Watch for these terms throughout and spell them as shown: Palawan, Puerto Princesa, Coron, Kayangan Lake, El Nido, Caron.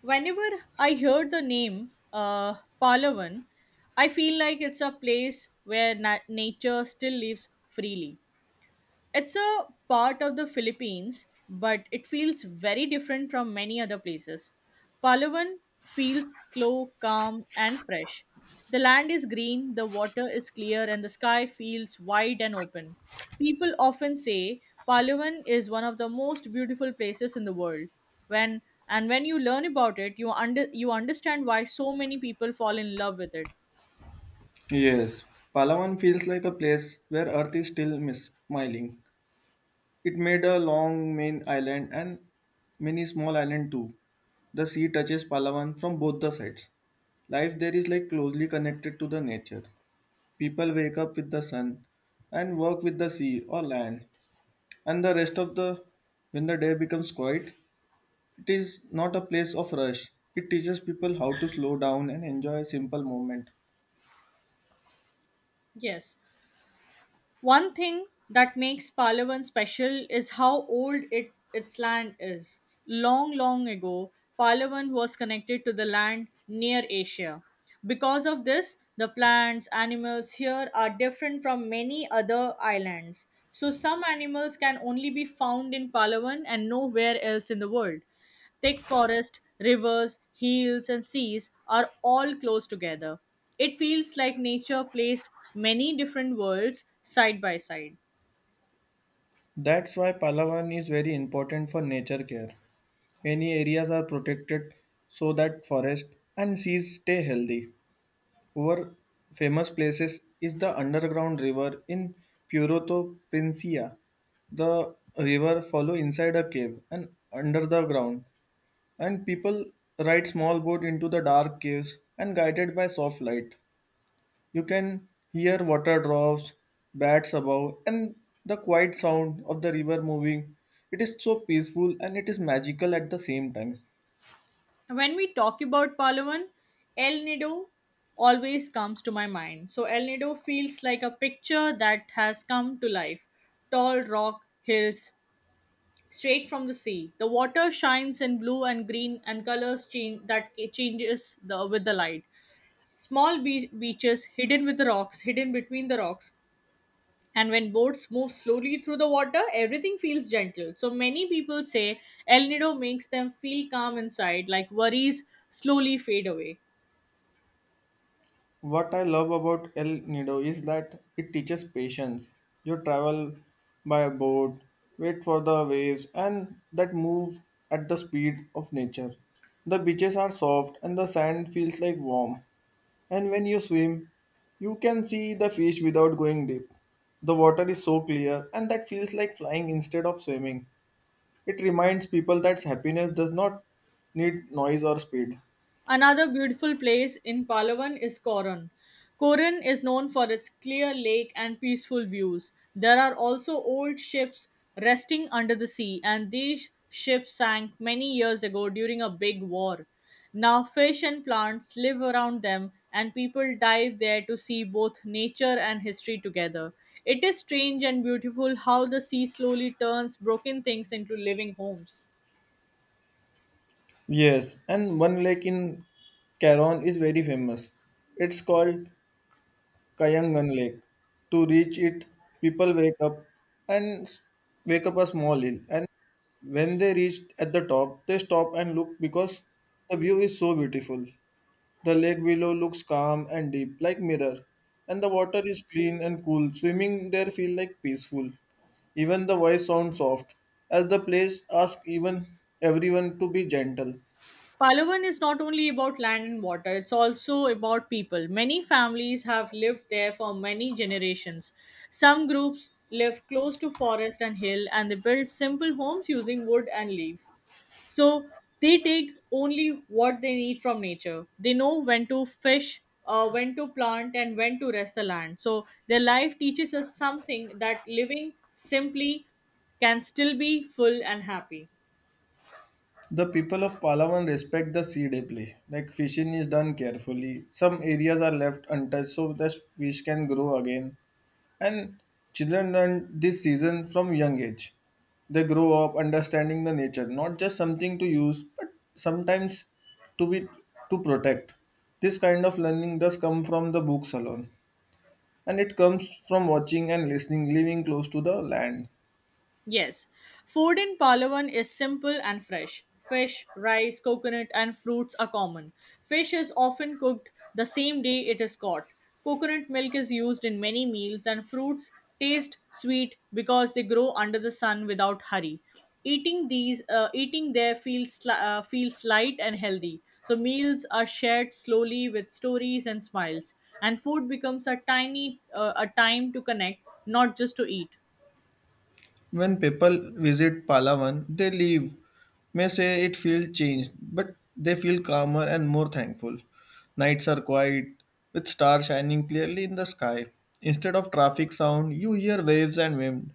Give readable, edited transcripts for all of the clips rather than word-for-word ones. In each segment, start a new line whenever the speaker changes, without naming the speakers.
Whenever I hear the name Palawan, I feel like it's a place where nature still lives freely. It's a part of the Philippines, but it feels very different from many other places. Palawan feels slow, calm, and fresh. The land is green, the water is clear, and the sky feels wide and open. People often say Palawan is one of the most beautiful places in the world. When when you learn about it, you understand why so many people fall in love with it.
Yes, Palawan feels like a place where Earth is still smiling. It made a long main island and many small island too. The sea touches Palawan from both the sides. Life there is like closely connected to the nature. People wake up with the sun and work with the sea or land. And the rest of the When the day becomes quiet, it is not a place of rush. It teaches people how to slow down and enjoy a simple moment.
Yes. One thing that makes Palawan special is how old its land is. Long, long ago, Palawan was connected to the land near Asia. Because of this, the plants, animals here are different from many other islands. So, some animals can only be found in Palawan and nowhere else in the world. Thick forest, rivers, hills, and seas are all close together. It feels like nature placed many different worlds side by side.
That's why Palawan is very important for nature care. Many areas are protected so that forest and seas stay healthy. Our famous places is the underground river in Puerto Princesa. The river follow inside a cave and under the ground, and people ride small boat into the dark caves and guided by soft light. You can hear water drops, bats above, and the quiet sound of the river moving. It is so peaceful and it is magical at the same time.
When we talk about Palawan, El Nido always comes to my mind. So, El Nido feels like a picture that has come to life, tall rock hills straight from the sea. The water shines in blue and green and colors change that changes with the light. Small beaches hidden between the rocks. And when boats move slowly through the water, everything feels gentle. So many people say El Nido makes them feel calm inside, like worries slowly fade away.
What I love about El Nido is that it teaches patience. You travel by a boat, wait for the waves, and that move at the speed of nature. The beaches are soft and the sand feels like warm. And when you swim, you can see the fish without going deep. The water is so clear, and that feels like flying instead of swimming. It reminds people that happiness does not need noise or speed.
Another beautiful place in Palawan is Coron. Coron is known for its clear lake and peaceful views. There are also old ships resting under the sea, and these ships sank many years ago during a big war. Now, fish and plants live around them, and people dive there to see both nature and history together. It is strange and beautiful how the sea slowly turns broken things into living homes.
Yes, and one lake in Caron is very famous. It's called Kayangan Lake. To reach it, people wake up and wake up a small hill. And when they reach at the top, they stop and look because the view is so beautiful. The lake below looks calm and deep, like mirror, and the water is clean and cool. Swimming there feel like peaceful. Even the voice sounds soft, as the place asks even everyone to be gentle.
Palawan is not only about land and water, it's also about people. Many families have lived there for many generations. Some groups live close to forest and hill and they build simple homes using wood and leaves. So they take only what they need from nature. They know when to fish, when to plant, and when to rest the land. So their life teaches us something that living simply can still be full and happy.
The people of Palawan respect the sea deeply. Like fishing is done carefully. Some areas are left untouched so that fish can grow again. And children learn this season from young age. They grow up understanding the nature, not just something to use, but sometimes to be to protect. This kind of learning does come from the books alone. And it comes from watching and listening, living close to the land.
Yes, food in Palawan is simple and fresh. Fish, rice, coconut, and fruits are common. Fish is often cooked the same day it is caught. Coconut milk is used in many meals, and fruits taste sweet because they grow under the sun without hurry. Eating there feels light and healthy. So meals are shared slowly with stories and smiles, and food becomes a time to connect, not just to eat.
When people visit Palawan, they leave may say it feels changed, but they feel calmer and more thankful. Nights are quiet, with stars shining clearly in the sky. Instead of traffic sound, you hear waves and wind.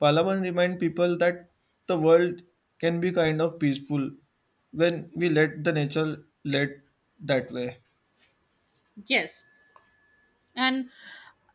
Palawan remind people that the world can be kind of peaceful when we let the nature lead that way.
Yes. And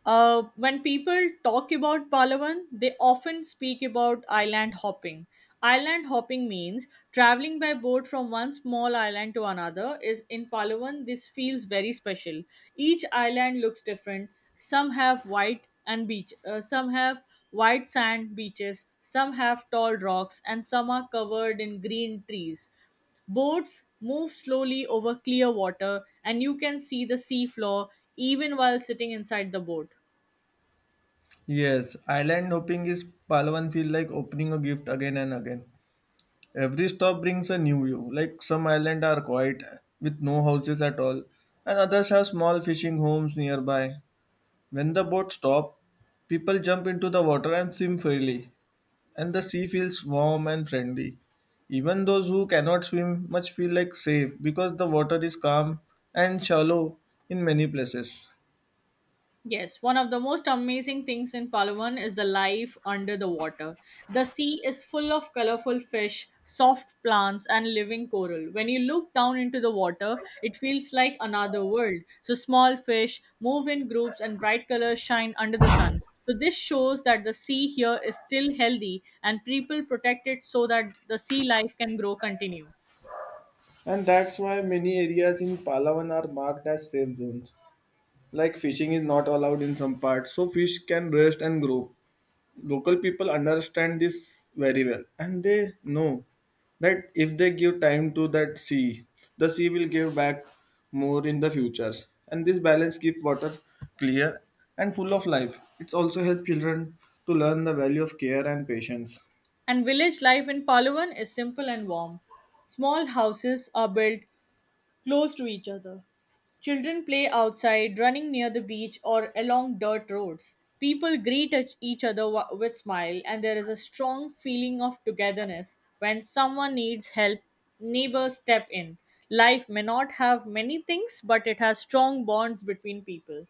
when people talk about Palawan, they often speak about island hopping. Island hopping means traveling by boat from one small island to another. Is in Palawan, this feels very special. Each island looks different. Some have white and beach. Some have white sand beaches. Some have tall rocks, and some are covered in green trees. Boats move slowly over clear water, and you can see the sea floor even while sitting inside the boat.
Yes, island hopping is Palawan feel like opening a gift again and again. Every stop brings a new view. Like some islands are quiet with no houses at all, and others have small fishing homes nearby. When the boat stops, people jump into the water and swim freely, and the sea feels warm and friendly. Even those who cannot swim much feel like safe because the water is calm and shallow in many places.
Yes, one of the most amazing things in Palawan is the life under the water. The sea is full of colorful fish, soft plants, and living coral. When you look down into the water, it feels like another world. So, small fish move in groups, and bright colors shine under the sun. So, this shows that the sea here is still healthy and people protect it so that the sea life can grow continue.
And that's why many areas in Palawan are marked as safe zones. Like fishing is not allowed in some parts, so fish can rest and grow. Local people understand this very well and they know that if they give time to that sea, the sea will give back more in the future, and this balance keeps water clear and full of life. It also helps children to learn the value of care and patience.
And village life in Palawan is simple and warm. Small houses are built close to each other. Children play outside, running near the beach or along dirt roads. People greet each other with smile, and there is a strong feeling of togetherness. When someone needs help, neighbors step in. Life may not have many things, but it has strong bonds between people.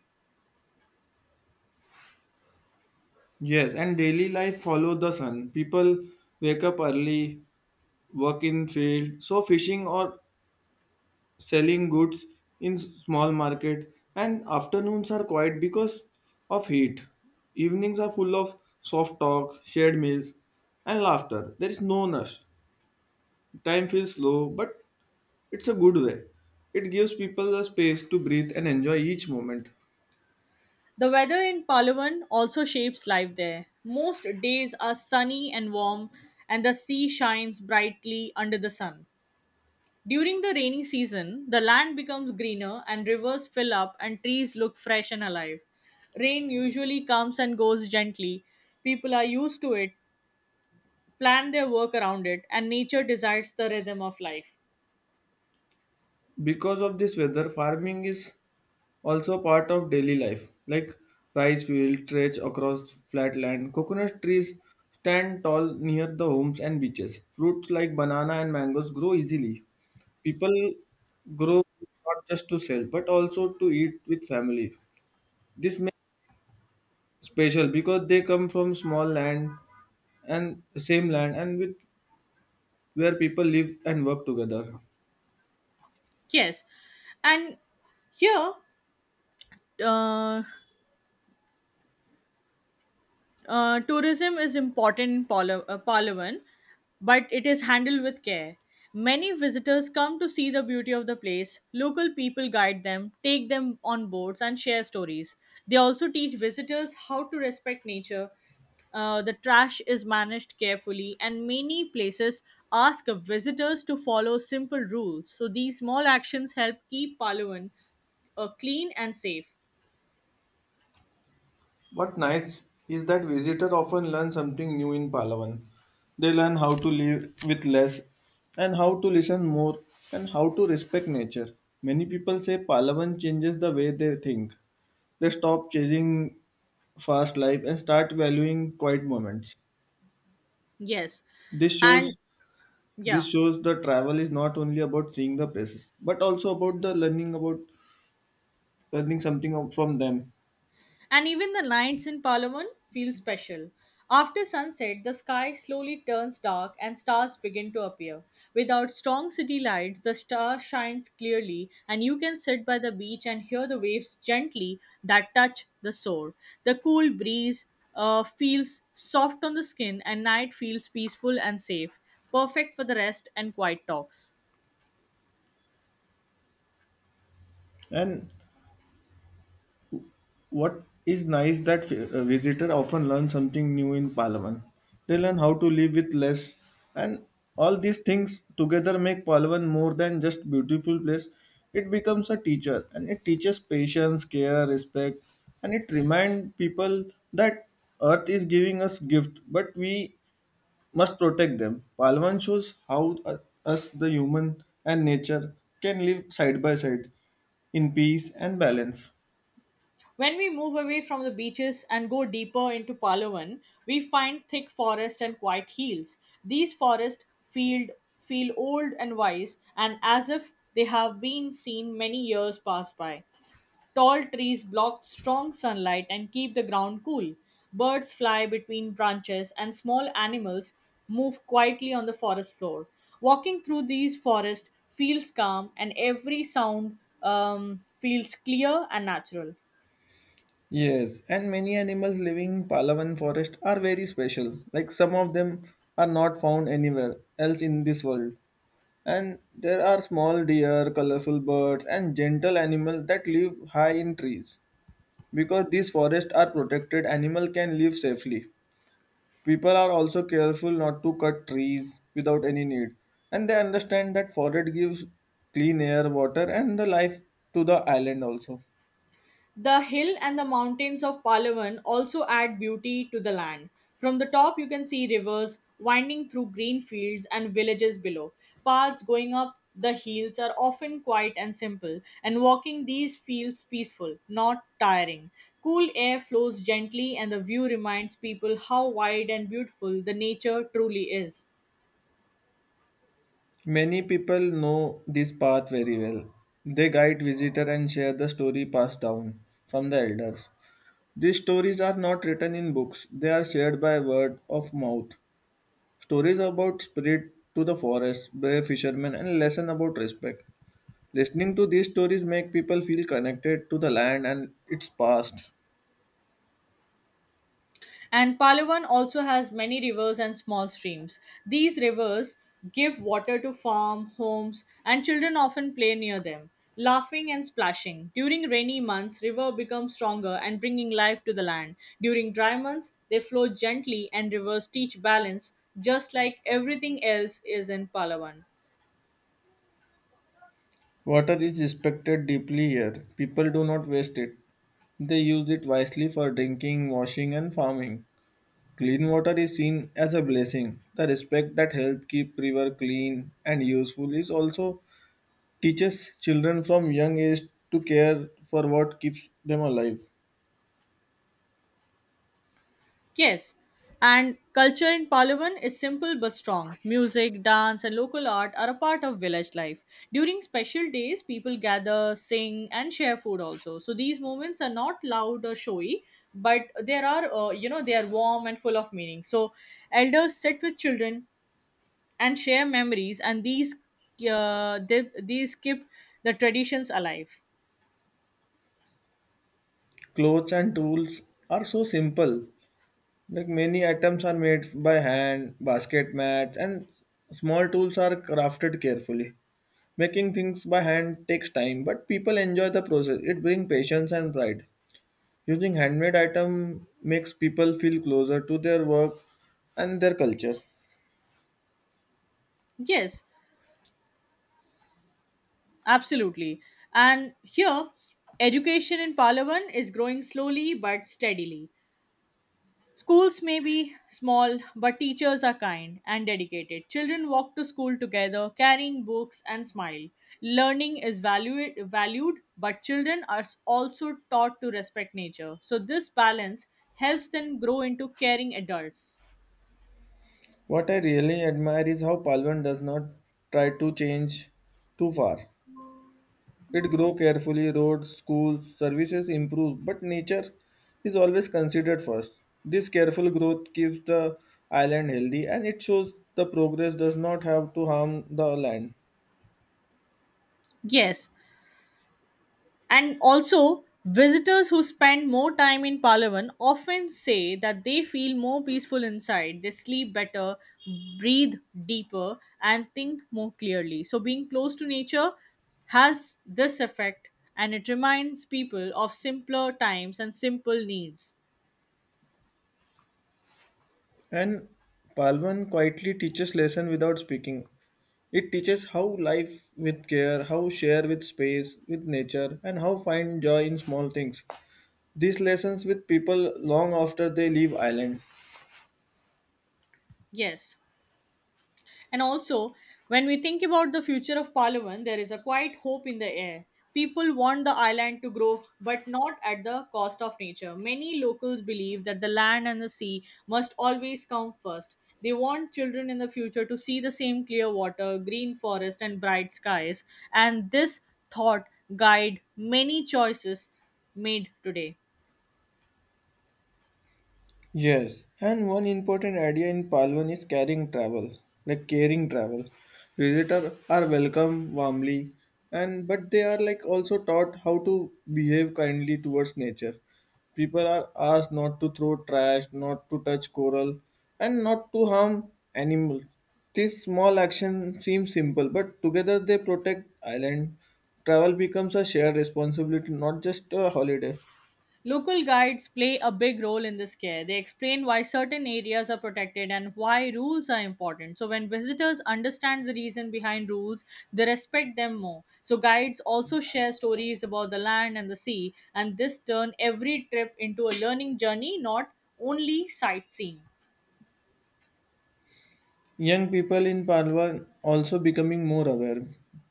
Yes, and daily life follow the sun. People wake up early, work in field so fishing or selling goods in small market, and afternoons are quiet because of heat. Evenings are full of soft talk, shared meals, and laughter. There is no rush. Time feels slow, but it's a good way. It gives people the space to breathe and enjoy each moment.
The weather in Palawan also shapes life there. Most days are sunny and warm, and the sea shines brightly under the sun. During the rainy season, the land becomes greener and rivers fill up and trees look fresh and alive. Rain usually comes and goes gently. People are used to it, plan their work around it, and nature decides the rhythm of life.
Because of this weather, farming is also part of daily life. Like rice fields stretch across flat land, coconut trees stand tall near the homes and beaches, fruits like banana and mangoes grow easily. People grow not just to sell but also to eat with family. This makes special because they come from small land and same land and with where people live and work together.
Yes. And here, uh, tourism is important in Palawan, but it is handled with care. Many visitors come to see the beauty of the place. Local people guide them, take them on boats, and share stories. They also teach visitors how to respect nature. The trash is managed carefully, and many places ask visitors to follow simple rules. So, these small actions help keep Palawan clean and safe.
What nice is that visitors often learn something new in Palawan. They learn how to live with less and how to listen more and how to respect nature. Many people say Palawan changes the way they think. They stop chasing fast life and start valuing quiet moments.
Yes.
This
And
shows
yeah.
this shows the travel is not only about seeing the places but also about the learning about learning something from them.
And even the nights in Palawan feel special. After sunset, the sky slowly turns dark and stars begin to appear. Without strong city lights, the star shines clearly, and you can sit by the beach and hear the waves gently that touch the shore. The cool breeze feels soft on the skin, and night feels peaceful and safe, perfect for the rest and quiet talks.
And what is nice that visitor often learn something new in Palawan. They learn how to live with less, and all these things together make Palawan more than just beautiful place. It becomes a teacher, and it teaches patience, care, respect, and it remind people that Earth is giving us gift, but we must protect them. Palawan shows how us the human and nature can live side by side in peace and balance.
When we move away from the beaches and go deeper into Palawan, we find thick forest and quiet hills. These feel old and wise, and as if they have been seen many years pass by. Tall trees block strong sunlight and keep the ground cool. Birds fly between branches, and small animals move quietly on the forest floor. Walking through these forests feels calm, and every sound feels clear and natural.
Yes, and many animals living in Palawan forest are very special. Like some of them are not found anywhere else in this world. And there are small deer, colorful birds, and gentle animals that live high in trees. Because these forests are protected, animals can live safely. People are also careful not to cut trees without any need. And they understand that forest gives clean air, water, and the life to the island also.
The hill and the mountains of Palawan also add beauty to the land. From the top, you can see rivers winding through green fields and villages below. Paths going up the hills are often quiet and simple, and walking these feels peaceful, not tiring. Cool air flows gently, and the view reminds people how wide and beautiful the nature truly is.
Many people know this path very well. They guide visitors and share the story passed down from the elders. These stories are not written in books, they are shared by word of mouth. Stories about spirit to the forest, brave fishermen, and lesson about respect. Listening to these stories make people feel connected to the land and its past.
And Palawan also has many rivers and small streams. These rivers give water to farm, homes, and children often play near them, laughing and splashing. During rainy months, river becomes stronger and bringing life to the land. During dry months, they flow gently and rivers teach balance just like everything else is in Palawan.
Water is respected deeply here. People do not waste it. They use it wisely for drinking, washing, and farming. Clean water is seen as a blessing. The respect that helps keep river clean and useful is also teaches children from young age to care for what keeps them alive.
Yes, and culture in Palawan is simple but strong. Music, dance, and local art are a part of village life. During special days, people gather, sing, and share food also. So these moments are not loud or showy, but there are, you know, they are warm and full of meaning. So elders sit with children and share memories, and these keep the traditions alive.
Clothes and tools are so simple. Like many items are made by hand, basket mats and small tools are crafted carefully. Making things by hand takes time, but people enjoy the process. It brings patience and pride. Using handmade item makes people feel closer to their work and their culture.
Yes, absolutely. And here, education in Palawan is growing slowly but steadily. Schools may be small, but teachers are kind and dedicated. Children walk to school together, carrying books and smile. Valued, but children are also taught to respect nature. So, this balance helps them grow into caring adults.
What I really admire is how Palwan does not try to change too far. It grow carefully, roads, schools, services improve, but nature is always considered first. This careful growth keeps the island healthy and it shows the progress does not have to harm the land.
Yes, and also, visitors who spend more time in Palawan often say that they feel more peaceful inside. They sleep better, breathe deeper, and think more clearly. So, being close to nature has this effect and it reminds people of simpler times and simple needs.
And Palvan quietly teaches lesson without speaking. It teaches how life with care, how share with space, with nature, and how find joy in small things. These lessons with people long after they leave island.
Yes. And also, when we think about the future of Palawan, there is a quiet hope in the air. People want the island to grow, but not at the cost of nature. Many locals believe that the land and the sea must always come first. They want children in the future to see the same clear water, green forest, and bright skies. And this thought guide many choices made today.
Yes, and one important idea in Palwan is caring travel, like caring travel. Visitors are welcome warmly, and but they are like also taught how to behave kindly towards nature. People are asked not to throw trash, not to touch coral, and not to harm animals. This small action seems simple, but together they protect island. Travel becomes a shared responsibility, not just a holiday.
Local guides play a big role in this care. They explain why certain areas are protected and why rules are important. So, when visitors understand the reason behind rules, they respect them more. So, guides also share stories about the land and the sea, and this turn every trip into a learning journey, not only sightseeing.
Young people in Palwa also becoming more aware.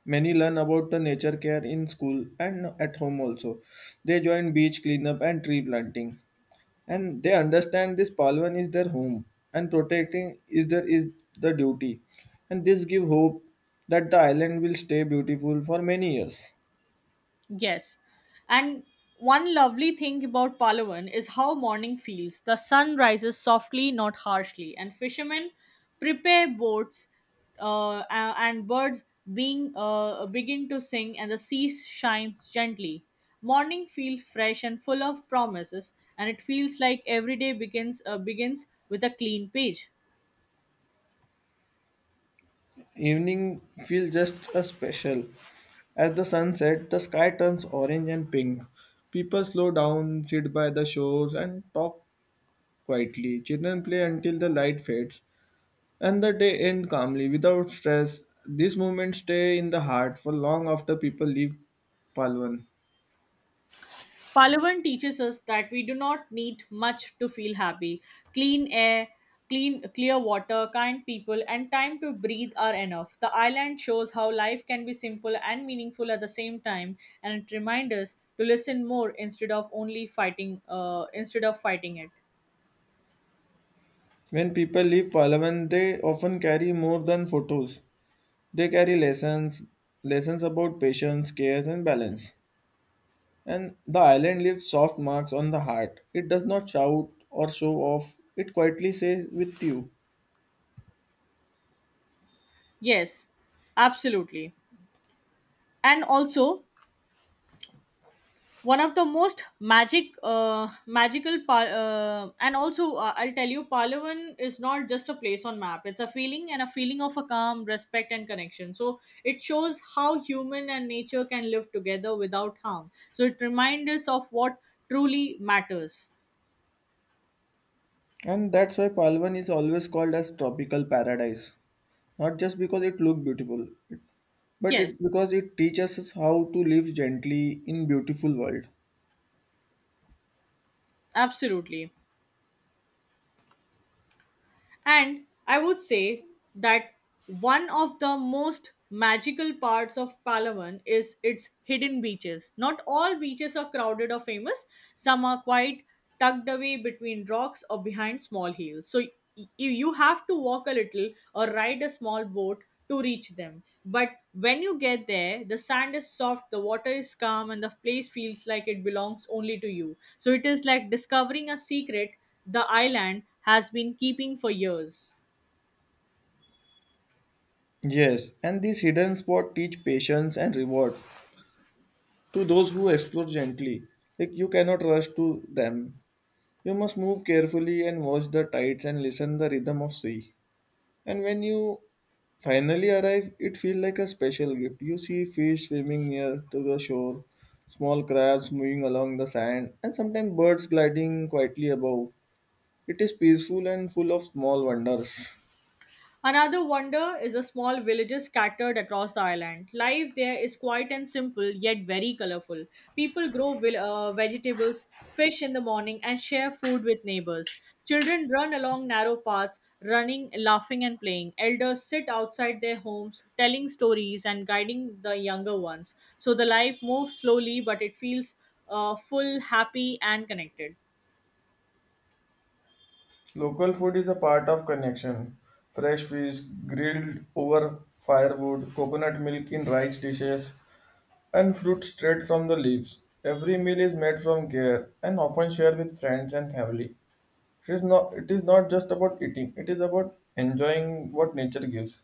Many learn about the nature care in school and at home also. They join beach cleanup and tree planting. And they understand this Palwan is their home and protecting is the duty. And this give hope that the island will stay beautiful for many years.
Yes. And one lovely thing about Palawan is how morning feels. The sun rises softly, not harshly, and fishermen prepare boats, and birds being begin to sing, and the sea shines gently. Morning feels fresh and full of promises, and it feels like every day begins with a clean page.
Evening feel just a special. As the sun set, the sky turns orange and pink. People slow down, sit by the shores, and talk quietly. Children play until the light fades and the day ends calmly without stress. These moments stay in the heart for long after people leave Palwan.
Palavan teaches us that we do not need much to feel happy. Clean air, Clean, clear water, kind people, and time to breathe are enough. The island shows how life can be simple and meaningful at the same time, and it reminds us to listen more instead of only fighting. Instead of fighting it.
When people leave Palawan, they often carry more than photos. They carry lessons, lessons about patience, care, and balance. And the island leaves soft marks on the heart. It does not shout or show off, it quietly stays with you.
Yes, absolutely. And also, one of the most magic magical par- and also I'll tell you, Palawan is not just a place on map, it's a feeling, and a feeling of a calm respect and connection. So it shows how human and nature can live together without harm. So it reminds us of what truly matters.
And that's why Palawan is always called as tropical paradise. Not just because it looked beautiful, but
Yes,
it because it teaches us how to live gently in beautiful world.
absolutely. And I would say that one of the most magical parts of Palawan is its hidden beaches. Not all beaches are crowded or famous, some are quite tucked away between rocks or behind small hills. So you have to walk a little or ride a small boat to reach them. But when you get there, the sand is soft, the water is calm, and the place feels like it belongs only to you. So it is like discovering a secret the island has been keeping for years.
Yes, and these hidden spot teach patience and reward to those who explore gently. Like you cannot rush to them. You must move carefully and watch the tides and listen the rhythm of sea. And when you finally arrive, it feels like a special gift. You see fish swimming near to the shore, small crabs moving along the sand, and sometimes birds gliding quietly above. It is peaceful and full of small wonders.
Another wonder is the small villages scattered across the island. Life there is quiet and simple, yet very colorful. People grow vegetables, fish in the morning, and share food with neighbors. Children run along narrow paths, running, laughing, and playing. Elders sit outside their homes, telling stories and guiding the younger ones. So the life moves slowly, but it feels full, happy, and connected.
Local food is a part of connection. Fresh fish grilled over firewood, coconut milk in rice dishes, and fruit straight from the leaves. Every meal is made from care and often shared with friends and family. It is not just about eating, it is about enjoying what nature gives.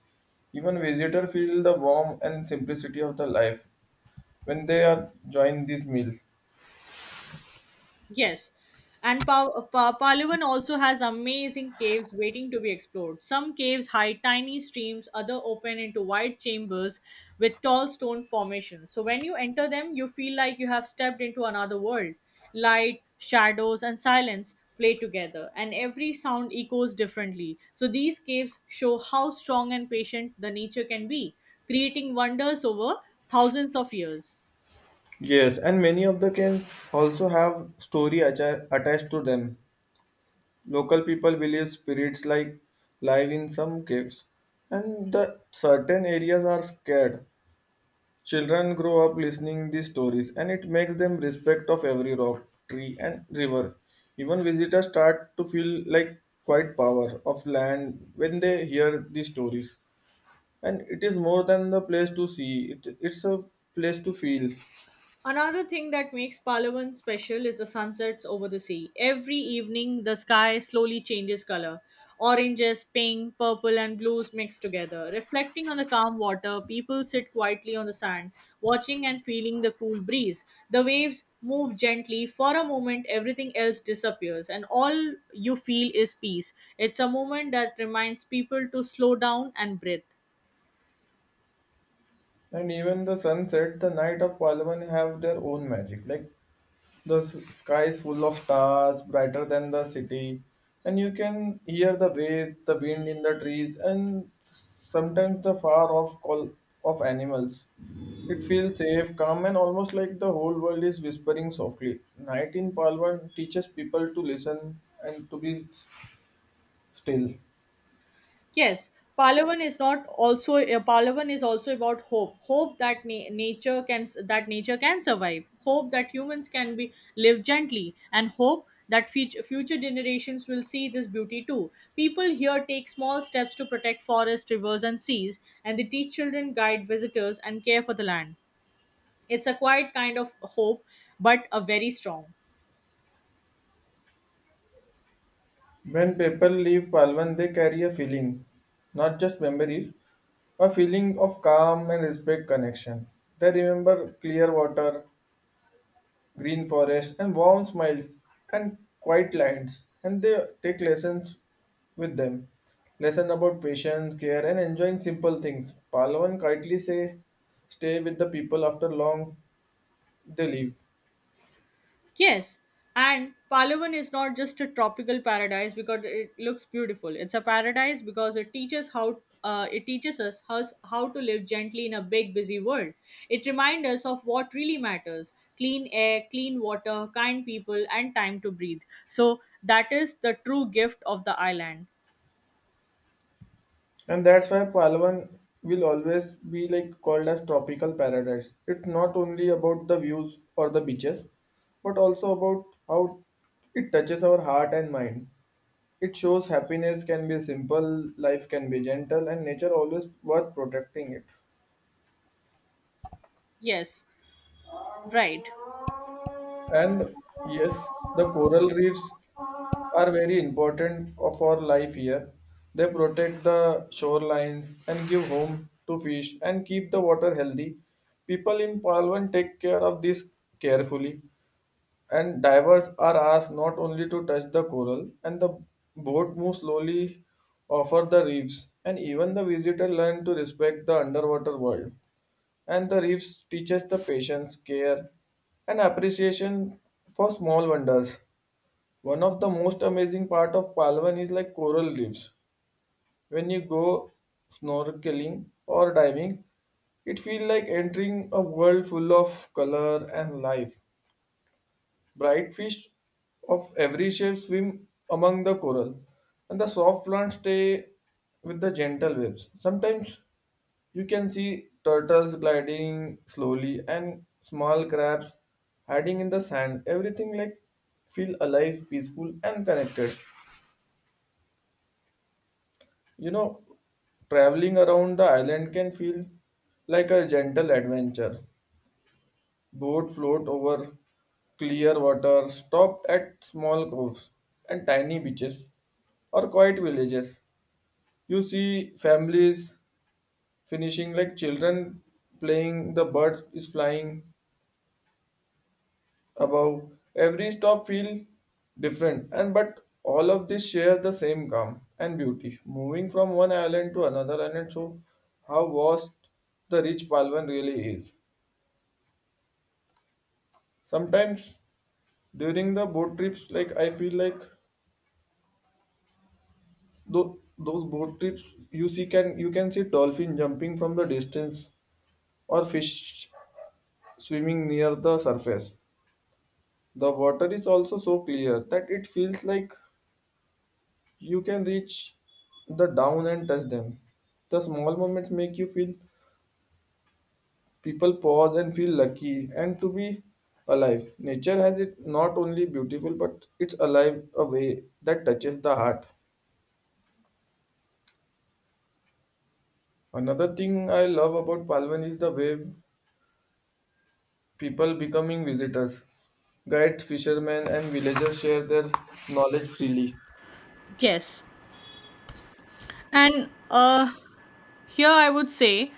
Even visitors feel the warmth and simplicity of the life when they are join this meal.
Yes, and Palawan also has amazing caves waiting to be explored. Some caves hide tiny streams, other open into wide chambers with tall stone formations. So when you enter them, you feel like you have stepped into another world. Light, shadows, and silence play together, and every sound echoes differently. So these caves show how strong and patient the nature can be, creating wonders over thousands of years.
Yes, and many of the cairns also have story attached to them. Local people believe spirits like live in some caves, and the certain areas are scared. Children grow up listening these stories, and it makes them respect of every rock, tree, and river. Even visitors start to feel like quite power of land when they hear these stories, and it is more than the place to see. It's a place to feel.
Another thing that makes Palawan special is the sunsets over the sea. Every evening, the sky slowly changes color. Oranges, pink, purple, and blues mix together. Reflecting on the calm water, people sit quietly on the sand, watching and feeling the cool breeze. The waves move gently. For a moment, everything else disappears, and all you feel is peace. It's a moment that reminds people to slow down and breathe.
And even the sunset, the night of Palawan have their own magic. Like the sky is full of stars, brighter than the city, and you can hear the waves, the wind in the trees, and sometimes the far off call of animals. It feels safe, calm, and almost like the whole world is whispering softly. Night in Palawan teaches people to listen and to be still.
Yes, Palavan is not also Palavan is also about hope. Hope that nature can survive. Hope that humans can be live gently, and hope that future generations will see this beauty too. People here take small steps to protect forests, rivers, and seas, and they teach children, guide visitors, and care for the land. It's a quiet kind of hope, but a very strong.
When people leave Palwan, they carry a feeling, not just memories, a feeling of calm and respect connection. They remember clear water, green forest, and warm smiles and quiet lands, and they take lessons with them. Lesson about patience, care, and enjoying simple things. Palwan kindly say, "Stay with the people after long they leave."
Yes, and Palawan is not just a tropical paradise because it looks beautiful. It's a paradise because it teaches us how to live gently in a big busy world. It reminds us of what really matters: clean air, clean water, kind people, and time to breathe. So that is the true gift of the island.
And that's why Palawan will always be like called as tropical paradise. It's not only about the views or the beaches, but also about how it touches our heart and mind. It shows happiness can be simple, life can be gentle, and nature always worth protecting it.
Yes, right.
And yes, the coral reefs are very important for life here. They protect the shorelines and give home to fish and keep the water healthy. People in Palwan take care of this carefully, and divers are asked not only to touch the coral, and the boat moves slowly over the reefs, and even the visitor learn to respect the underwater world, and the reefs teaches the patience care and appreciation for small wonders. One of the most amazing part of palwan is like coral reefs. When you go snorkeling or diving, it feels like entering a world full of color and life. Bright fish of every shape swim among the coral, and the soft ones stay with the gentle waves. Sometimes you can see turtles gliding slowly and small crabs hiding in the sand. Everything like feel alive, peaceful, and connected. You know, traveling around the island can feel like a gentle adventure. Boats float over clear water, stopped at small coves and tiny beaches or quiet villages. You see families finishing like children playing, the bird is flying above. Every stop feel different and but all of this share the same calm and beauty. Moving from one island to another island show how vast the rich Palwan really is. Sometimes during the boat trips like I feel like Tho- those boat trips you see can you can see dolphin jumping from the distance or fish swimming near the surface. The water is also so clear that it feels like you can reach the down and touch them. The small moments make you feel people pause and feel lucky and to be alive. Nature has it not only beautiful but it's alive a way that touches the heart. Another thing I love about palvan is the way people becoming visitors. Guides, fishermen, and villagers share their knowledge freely.
Yes, and here I would say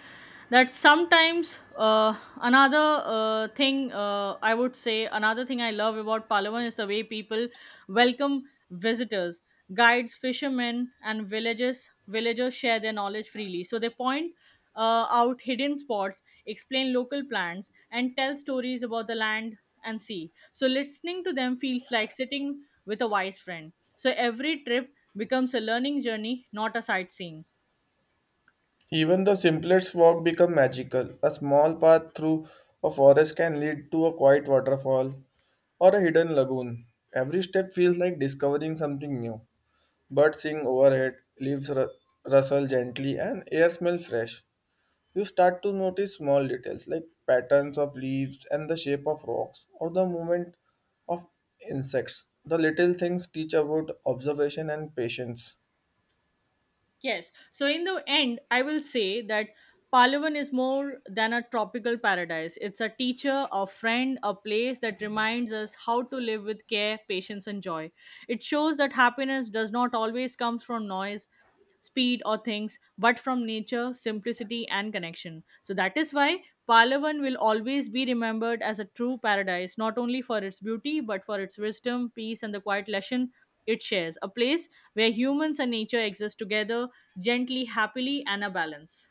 that sometimes, uh, another uh, thing another thing I love about Palawan is the way people welcome visitors. Guides, fishermen, and villages villagers share their knowledge freely. So they point out hidden spots, explain local plants, and tell stories about the land and sea. So listening to them feels like sitting with a wise friend. So every trip becomes a learning journey, not a sightseeing.
Even the simplest walk become magical. A small path through a forest can lead to a quiet waterfall or a hidden lagoon. Every step feels like discovering something new. Birds sing overhead, leaves ru- rustle gently, and air smells fresh. You start to notice small details like patterns of leaves and the shape of rocks or the movement of insects. The little things teach about observation and patience.
Yes. So in the end, I will say that Palawan is more than a tropical paradise. It's a teacher, a friend, a place that reminds us how to live with care, patience, and joy. It shows that happiness does not always come from noise, speed, or things, but from nature, simplicity, and connection. So that is why Palawan will always be remembered as a true paradise, not only for its beauty, but for its wisdom, peace, and the quiet lesson it shares. A place where humans and nature exist together, gently, happily, and a balance.